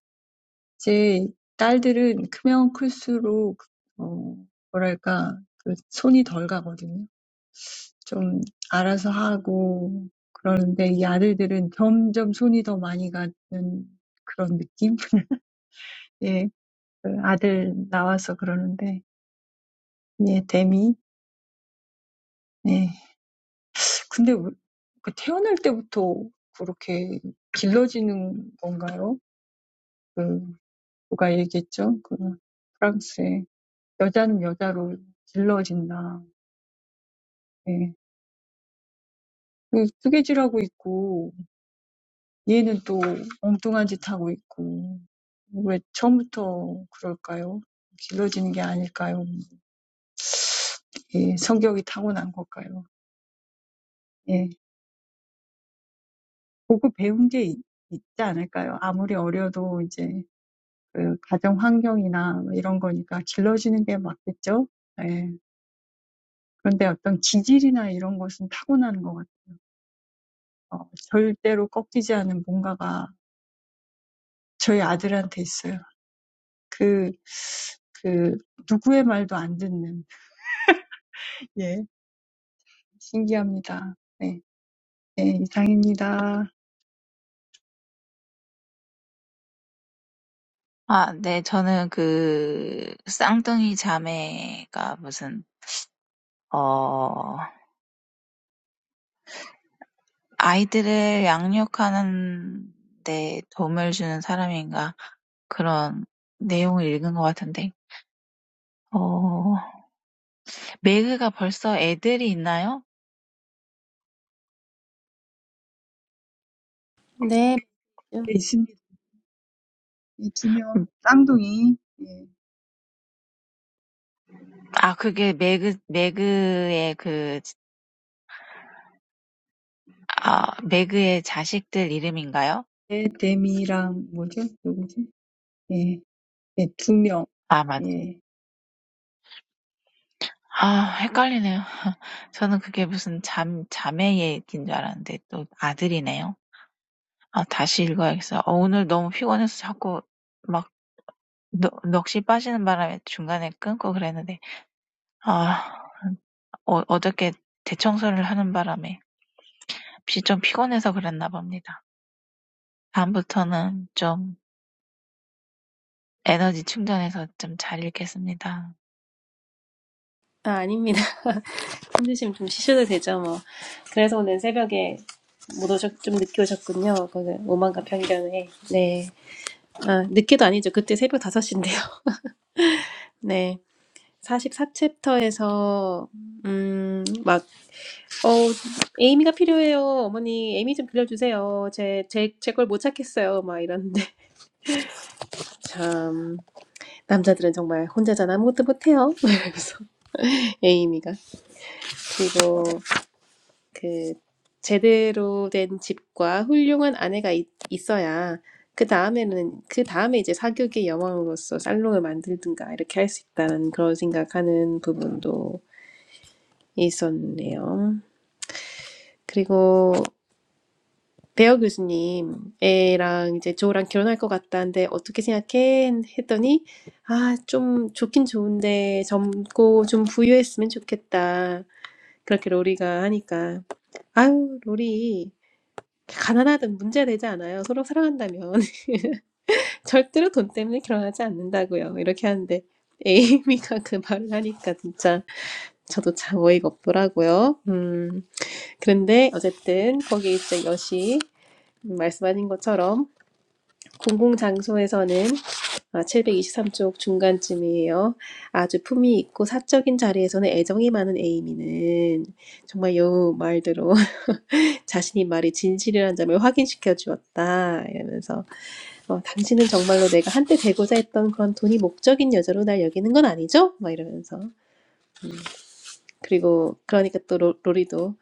A: 제 딸들은 크면 클수록 어, 뭐랄까 그 손이 덜 가거든요. 좀 알아서 하고 그러는데 이 아들들은 점점 손이 더 많이 가는 그런 느낌? 예, 그 아들 나와서 그러는데 예, 데미. 예. 근데 왜- 그 태어날 때부터 그렇게 길러지는 건가요? 그 누가 얘기했죠? 그 프랑스에 여자는 여자로 길러진다. 예. 그 뜨개질하고 있고 얘는 또 엉뚱한 짓 하고 있고 왜 처음부터 그럴까요? 길러지는 게 아닐까요? 예, 성격이 타고난 걸까요? 예. 보고 배운 게 있, 있지 않을까요? 아무리 어려도 이제 그 가정 환경이나 이런 거니까 길러지는 게 맞겠죠? 예. 그런데 어떤 기질이나 이런 것은 타고나는 것 같아요. 절대로 꺾이지 않은 뭔가가 저희 아들한테 있어요. 그, 그, 누구의 말도 안 듣는. 예. 신기합니다. 네. 예, 이상입니다.
C: 아 네. 저는 그 쌍둥이 자매가 무슨 어 아이들을 양육하는 데 도움을 주는 사람인가 그런 내용을 읽은 것 같은데 어 매그가 벌써 애들이 있나요?
B: 네,
A: 네, 있습니다. 이두
C: 음.
A: 명, 쌍둥이. 예.
C: 아 그게 매그 매그의 그 아 매그의 자식들 이름인가요?
A: 예, 데미랑 뭐죠? 누구지? 예. 예, 두 명.
C: 아 맞.
A: 예.
C: 아 헷갈리네요. 저는 그게 무슨 잠 자매 얘기인 줄 알았는데 또 아들이네요. 아 다시 읽어야겠어. 어 오늘 너무 피곤해서 자꾸 막넋 넋이 빠지는 바람에 중간에 끊고 그랬는데 아 어 어저께 대청소를 하는 바람에 피좀 피곤해서 그랬나 봅니다. 다음부터는 좀 에너지 충전해서 좀 잘 읽겠습니다.
B: 아, 아닙니다. 힘드시면 좀 쉬셔도 되죠, 뭐. 그래서 오늘 새벽에 못 오셨, 좀 늦게 오셨군요. 그거는 오만과 편견에. 네. 아, 늦게도 아니죠. 그때 새벽 5시인데요. 네. 44챕터에서, 음, 막, 어, 에이미가 필요해요. 어머니, 에이미 좀 빌려주세요. 제, 제, 제 걸 못 찾겠어요. 막 이러는데. 참, 남자들은 정말 혼자잖아. 아무것도 못해요. 막 이러면서. 에이미가. 그리고 그 제대로 된 집과 훌륭한 아내가 있, 있어야 그 다음에는 그 다음에 이제 사교육의 여왕으로서 살롱을 만들든가 이렇게 할 수 있다는 그런 생각하는 부분도 있었네요. 그리고 배어 교수님 애랑 이제 조랑 결혼할 것 같다는데 어떻게 생각해? 했더니 아 좀 좋긴 좋은데 젊고 좀 부유했으면 좋겠다. 그렇게 로리가 하니까 아유 로리 가난하든 문제되지 않아요. 서로 사랑한다면 절대로 돈 때문에 결혼하지 않는다고요. 이렇게 하는데 에이미가 그 말을 하니까 진짜 저도 참 어이가 없더라고요. 음, 그런데 어쨌든 거기 이제 여시 말씀하신 것처럼 공공장소에서는 723쪽 중간쯤이에요. 아주 품위 있고 사적인 자리에서는 애정이 많은 에이미는 정말 여우 말대로 자신이 말이 진실이라는 점을 확인시켜 주었다. 이러면서 어, 당신은 정말로 내가 한때 되고자 했던 그런 돈이 목적인 여자로 날 여기는 건 아니죠? 막 이러면서. 그리고 그러니까 또 로, 로리도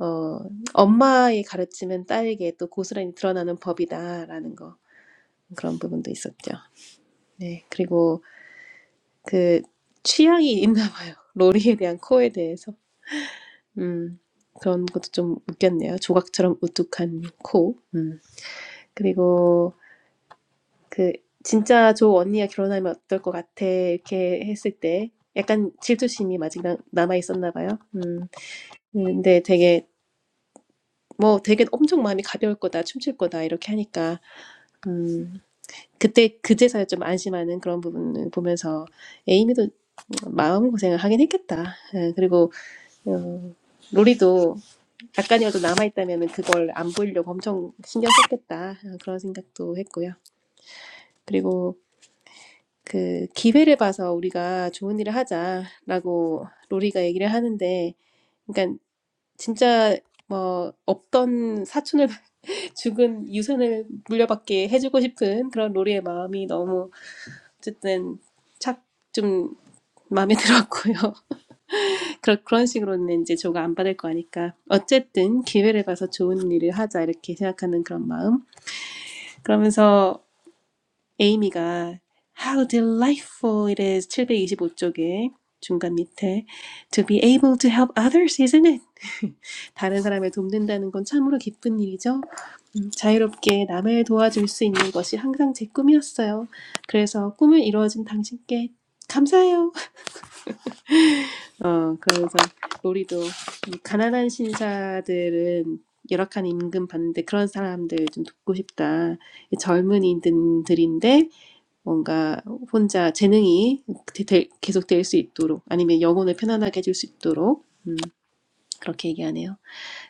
B: 어, 엄마의 가르침은 딸에게 또 고스란히 드러나는 법이다라는 거 그런 부분도 있었죠. 네, 그리고 그 취향이 있나 봐요. 로리에 대한 코에 대해서. 음, 그런 것도 좀 웃겼네요. 조각처럼 우뚝한 코. 음. 그리고 그 진짜 저 언니가 결혼하면 어떨 것 같아 이렇게 했을 때 약간 질투심이 아직 나, 남아 있었나 봐요. 음. 근데 되게 뭐 되게 엄청 마음이 가벼울 거다 춤출 거다 이렇게 하니까 음. 그때 그제서야 좀 안심하는 그런 부분을 보면서 에이미도 마음 고생을 하긴 했겠다. 예, 그리고 어, 로리도 약간이라도 남아 있다면 그걸 안 보이려고 엄청 신경 썼겠다 어, 그런 생각도 했고요. 그리고 그 기회를 봐서 우리가 좋은 일을 하자라고 로리가 얘기를 하는데, 그러니까 진짜 뭐 없던 사촌을 죽은 유산을 물려받게 해주고 싶은 그런 로리의 마음이 너무 어쨌든 착좀 마음에 들었고요. 그런 그런 식으로는 이제 조가 안 받을 거니까 어쨌든 기회를 봐서 좋은 일을 하자 이렇게 생각하는 그런 마음. 그러면서 에이미가 How delightful it is 725쪽에 중간 밑에 To be able to help others, isn't it? 다른 사람을 돕는다는 건 참으로 기쁜 일이죠. 음, 자유롭게 남을 도와줄 수 있는 것이 항상 제 꿈이었어요. 그래서 꿈을 이루어진 당신께 감사해요. 어, 그러면서 로리도 이 가난한 신사들은 열악한 임금 받는데 그런 사람들 좀 돕고 싶다. 이 젊은이들인데 뭔가 혼자 재능이 계속 될 수 있도록 아니면 영혼을 편안하게 해줄 수 있도록 그렇게 얘기하네요.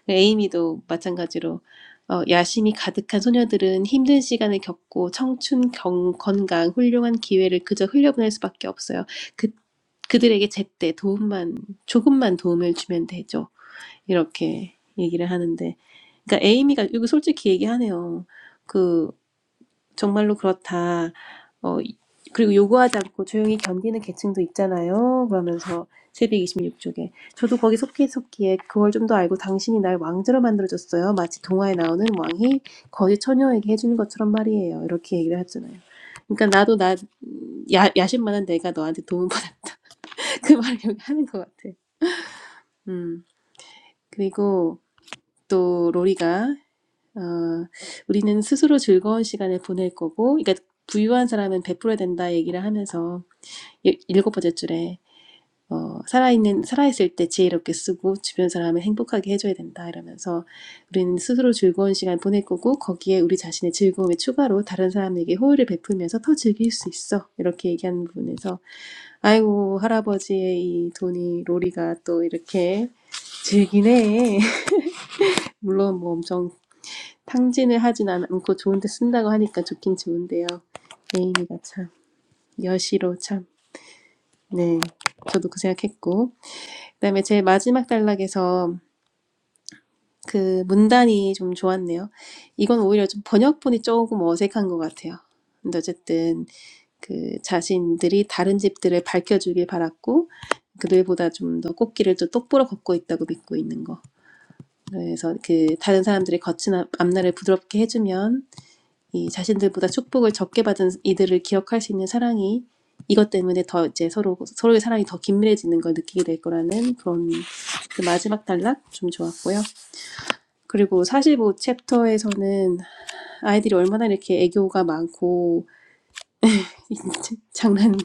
B: 에이미도 마찬가지로 어, 야심이 가득한 소녀들은 힘든 시간을 겪고 청춘, 경, 건강, 훌륭한 기회를 그저 흘려보낼 수밖에 없어요. 그, 그들에게 제때 도움만, 조금만 도움을 주면 되죠. 이렇게 얘기를 하는데. 그러니까 에이미가, 이거 솔직히 얘기하네요. 그, 정말로 그렇다. 어, 그리고 요구하지 않고 조용히 견디는 계층도 있잖아요. 그러면서 이2 6쪽에 저도 거기 속기 속기에 그걸 좀 더 알고 당신이 날 왕자로 만들어줬어요. 마치 동화에 나오는 왕이 거지 처녀에게 해주는 것처럼 말이에요. 이렇게 얘기를 했잖아요. 그러니까 나도 나 야, 야심만한 내가 너한테 도움받아 그 말을 여기 하는 것 같아. 음 그리고 또 로리가 어, 우리는 스스로 즐거운 시간을 보낼 거고, 그러니까 부유한 사람은 베풀어야 된다 얘기를 하면서 일- 일곱 번째 줄에 어, 살아있는 살아있을 때 지혜롭게 쓰고 주변 사람을 행복하게 해줘야 된다 이러면서 우리는 스스로 즐거운 시간 보낼 거고 거기에 우리 자신의 즐거움에 추가로 다른 사람에게 호의를 베풀면서 더 즐길 수 있어 이렇게 얘기하는 부분에서 아이고 할아버지의 이 돈이 로리가 또 이렇게 즐기네 물론 뭐 엄청 탕진을 하진 않- 고 좋은데 쓴다고 하니까 좋긴 좋은데요. 예인이가 참 여시로 참. 네, 저도 그 생각했고. 그다음에 제 마지막 단락에서 그 문단이 좀 좋았네요. 이건 오히려 좀 번역본이 조금 어색한 것 같아요. 근데 어쨌든 그 자신들이 다른 집들을 밝혀주길 바랐고 그들보다 좀 더 꽃길을 또 똑바로 걷고 있다고 믿고 있는 거. 그래서 그 다른 사람들이 거친 앞날을 부드럽게 해주면 이 자신들보다 축복을 적게 받은 이들을 기억할 수 있는 사랑이 이것 때문에 더 이제 서로 서로의 사랑이 더 긴밀해지는 걸 느끼게 될 거라는 그런 그 마지막 단락 좀 좋았고요. 그리고 45 챕터에서는 아이들이 얼마나 이렇게 애교가 많고 장난이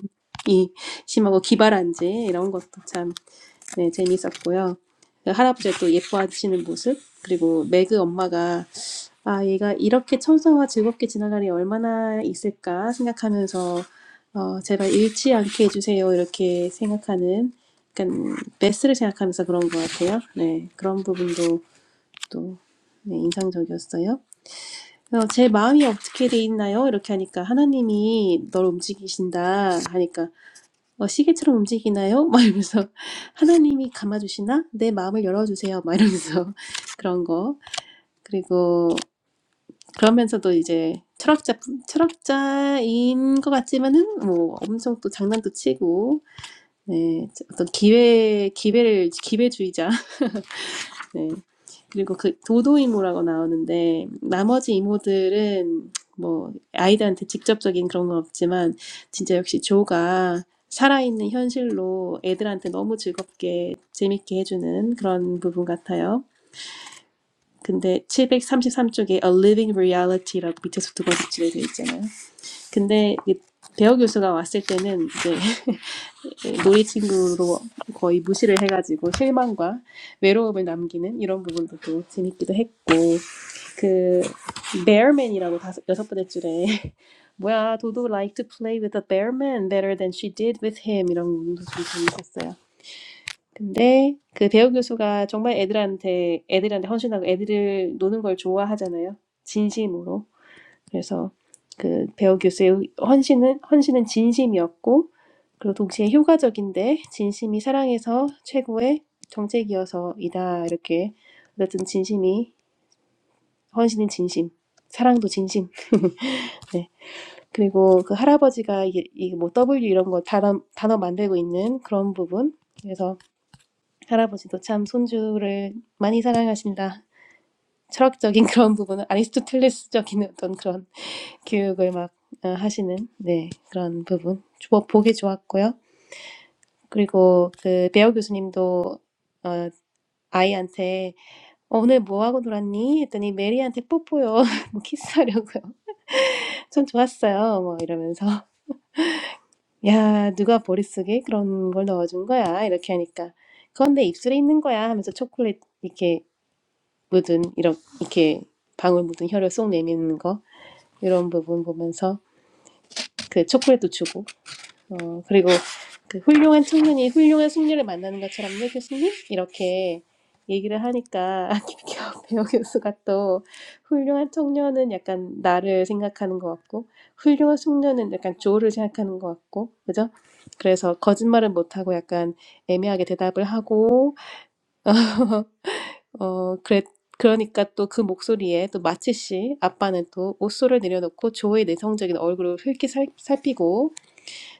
B: 심하고 기발한지 이런 것도 참 네, 재있었고요 할아버지가 또 예뻐하시는 모습 그리고 매그 엄마가 아, 얘가 이렇게 청소와 즐겁게 지나갈 일이 얼마나 있을까 생각하면서 어, 제발 잃지 않게 해주세요. 이렇게 생각하는 약간 베스를 생각하면서 그런 것 같아요. 네, 그런 부분도 또 네, 인상적이었어요. 그래서 제 마음이 어떻게 돼 있나요? 이렇게 하니까 하나님이 널 움직이신다 하니까 어, 시계처럼 움직이나요? 막 이러면서 하나님이 감아주시나? 내 마음을 열어주세요. 막 이러면서 그런 거. 그리고 그러면서도 이제 철학자, 철학자인 것 같지만은 뭐 엄청 또 장난도 치고, 네, 어떤 기회, 기회를, 기회주의자. 네. 그리고 그 도도 이모라고 나오는데 나머지 이모들은 뭐 아이들한테 직접적인 그런 건 없지만 진짜 역시 조가 살아있는 현실로 애들한테 너무 즐겁게 재밌게 해주는 그런 부분 같아요. 근데 733쪽에 A Living Reality라고 밑에서 두 번째 줄에 어 있잖아요. 근데 이 대어 교수가 왔을 때는 이제 놀이 친구로 거의 무시를 해가지고 실망과 외로움을 남기는 이런 부분도 또 재밌기도 했고 그 bearman이라고 다섯 여섯 번째 줄에 뭐야 도도 like to play with a bearman better than she did with him 이런 부분도 좀 재밌었어요. 근데 그 배우 교수가 정말 애들한테 애들한테 헌신하고 애들을 노는 걸 좋아하잖아요. 진심으로. 그래서 그 배우 교수의 헌신은 헌신은 진심이었고 그리고 동시에 효과적인데 진심이 사랑에서 최고의 정책이어서이다 이렇게 어쨌든 진심이 헌신은 진심 사랑도 진심 네 그리고 그 할아버지가 이뭐 W 이런 거 단어 단어 만들고 있는 그런 부분 그래서 할아버지도 참 손주를 많이 사랑하신다 철학적인 그런 부분은 아리스토텔레스적인 어떤 그런 교육을 막 어, 하시는 네, 그런 부분 뭐 보기 좋았고요. 그리고 그 배우 교수님도 어, 아이한테 어, 오늘 뭐 하고 놀았니? 했더니 메리한테 뽀뽀요. 뭐 키스하려고요. 전 좋았어요. 뭐 이러면서 야 누가 머릿속에 그런 걸 넣어준 거야 이렇게 하니까 그건 내 입술에 있는 거야 하면서 초콜릿 이렇게 묻은 이렇게 이렇게 방울 묻은 혀를 쏙 내미는 거 이런 부분 보면서 그 초콜릿도 주고 어, 그리고 그 훌륭한 청년이 훌륭한 숙녀를 만나는 것처럼요, 교수님? 이렇게 얘기를 하니까 김기화 배우 교수가 또 훌륭한 청년은 약간 나를 생각하는 것 같고 훌륭한 숙녀는 약간 조를 생각하는 것 같고 그죠? 그래서 거짓말은 못하고 약간 애매하게 대답을 하고 어, 그래, 그러니까 또 그 목소리에 또 마치 씨 아빠는 또 옷소를 내려놓고 조의 내성적인 얼굴을 흘기 살, 살피고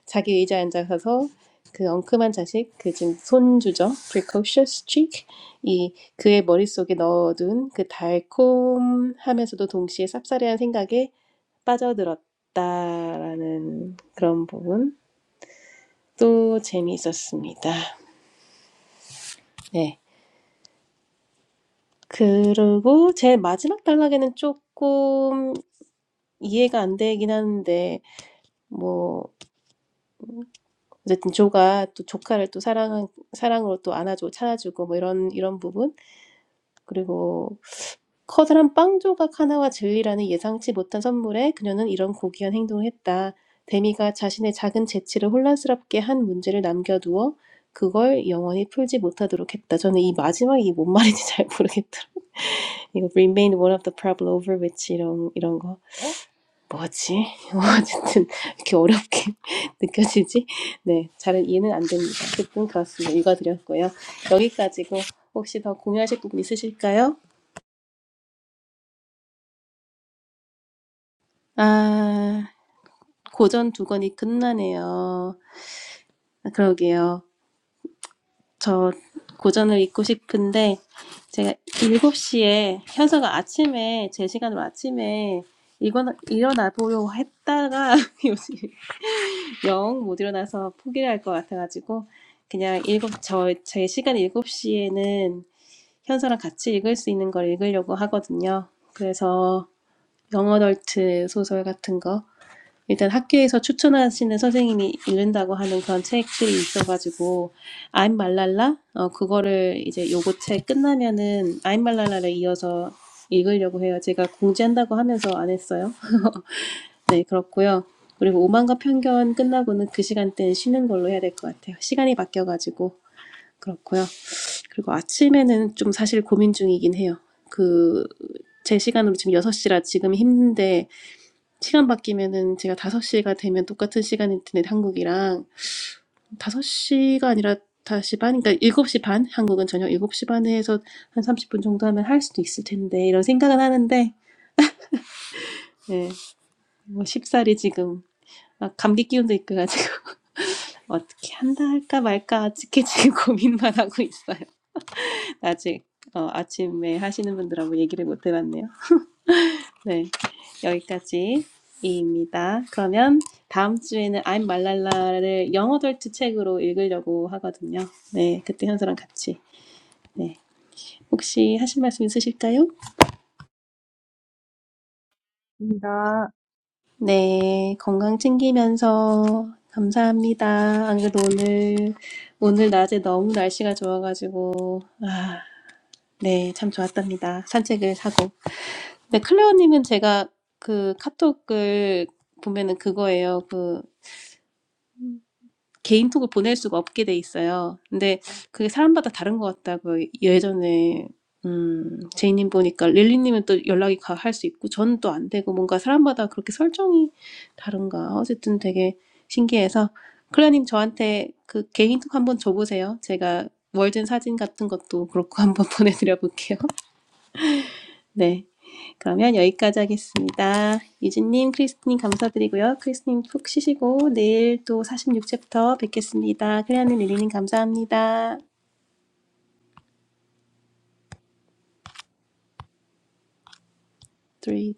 B: 자기 의자에 앉아서 그 엉큼한 자식, 그 지금 손주죠. precocious chick. 이 그의 머릿속에 넣어둔 그 달콤하면서도 동시에 쌉싸래한 생각에 빠져들었다라는 그런 부분. 또 재미있었습니다. 네. 그리고 제 마지막 단락에는 조금 이해가 안 되긴 하는데, 뭐, 어쨌든 조가 또 조카를 또 사랑, 사랑으로 또 안아주고 찾아주고 뭐 이런, 이런 부분. 그리고 커다란 빵 조각 하나와 젤리라는 예상치 못한 선물에 그녀는 이런 고귀한 행동을 했다. 데미가 자신의 작은 재치를 혼란스럽게 한 문제를 남겨두어 그걸 영원히 풀지 못하도록 했다. 저는 이 마지막 이 뭔 말인지 잘 모르겠더라. 이거 remain one of the problem over which 이런 이런 거 뭐지? 어쨌든 이렇게 어렵게 느껴지지? 네, 잘은 이해는 안 됩니다. 어쨌든 그렇습니다. 읽어드렸고요. 여기까지고 혹시 더 공유하실 부분 있으실까요? 아. 고전 두 권이 끝나네요. 아, 그러게요. 저 고전을 읽고 싶은데 제가 7시에 현서가 아침에 제 시간으로 아침에 일어나, 일어나 보려고 했다가 요즘 영 못 일어나서 포기를 할 것 같아가지고 그냥 일곱 저 제 시간 7시에는 현서랑 같이 읽을 수 있는 걸 읽으려고 하거든요. 그래서 영어덜트 소설 같은 거 일단 학교에서 추천하시는 선생님이 읽는다고 하는 그런 책들이 있어가지고 I'm 말랄라 어 그거를 이제 요거 책 끝나면은 I'm 말랄라를 이어서 읽으려고 해요. 제가 공지한다고 하면서 안 했어요. 네 그렇고요. 그리고 오만과 편견 끝나고는 그 시간대는 쉬는 걸로 해야 될 것 같아요. 시간이 바뀌어가지고 그렇고요. 그리고 아침에는 좀 사실 고민 중이긴 해요. 그 제 시간으로 지금 6시라 지금 힘든데 시간 바뀌면은 제가 5시가 되면 똑같은 시간일 텐데 한국이랑 5시가 아니라 5시 반, 그러니까 7시 반, 한국은 저녁 7시 반에 해서 한 30분 정도 하면 할 수도 있을 텐데 이런 생각은 하는데 예, 뭐 쉽사리 지금 막 감기 기운도 있고 가지고 어떻게 한다 할까 말까 아직까지 지금 고민만 하고 있어요. 아직 어, 아침에 하시는 분들하고 얘기를 못 해봤네요. 네, 여기까지입니다. 그러면 다음 주에는 I'm 말랄라를 영어 덜트 책으로 읽으려고 하거든요. 네, 그때 현서랑 같이. 네, 혹시 하실 말씀 있으실까요?
A: 입니다.
B: 네, 건강 챙기면서 감사합니다. 안 그래도 오늘 오늘 낮에 너무 날씨가 좋아가지고 아, 네, 참 좋았답니다. 산책을 하고. 네, 클레어님은 제가 그 카톡을 보면은 그거예요. 그 개인톡을 보낼 수가 없게 돼 있어요. 근데 그게 사람마다 다른 것 같다고요. 예전에 음, 제이님 보니까 릴리님은 또 연락이 할 수 있고 저는 또 안 되고 뭔가 사람마다 그렇게 설정이 다른가. 어쨌든 되게 신기해서 클라님 저한테 그 개인톡 한번 줘보세요. 제가 월든 사진 같은 것도 그렇고 한번 보내드려 볼게요. 네. 그러면 여기까지 하겠습니다. 유진님, 크리스님 감사드리고요. 크리스님 푹 쉬시고 내일 또 46챕터 뵙겠습니다. 클레아님, 릴리님 감사합니다. Three.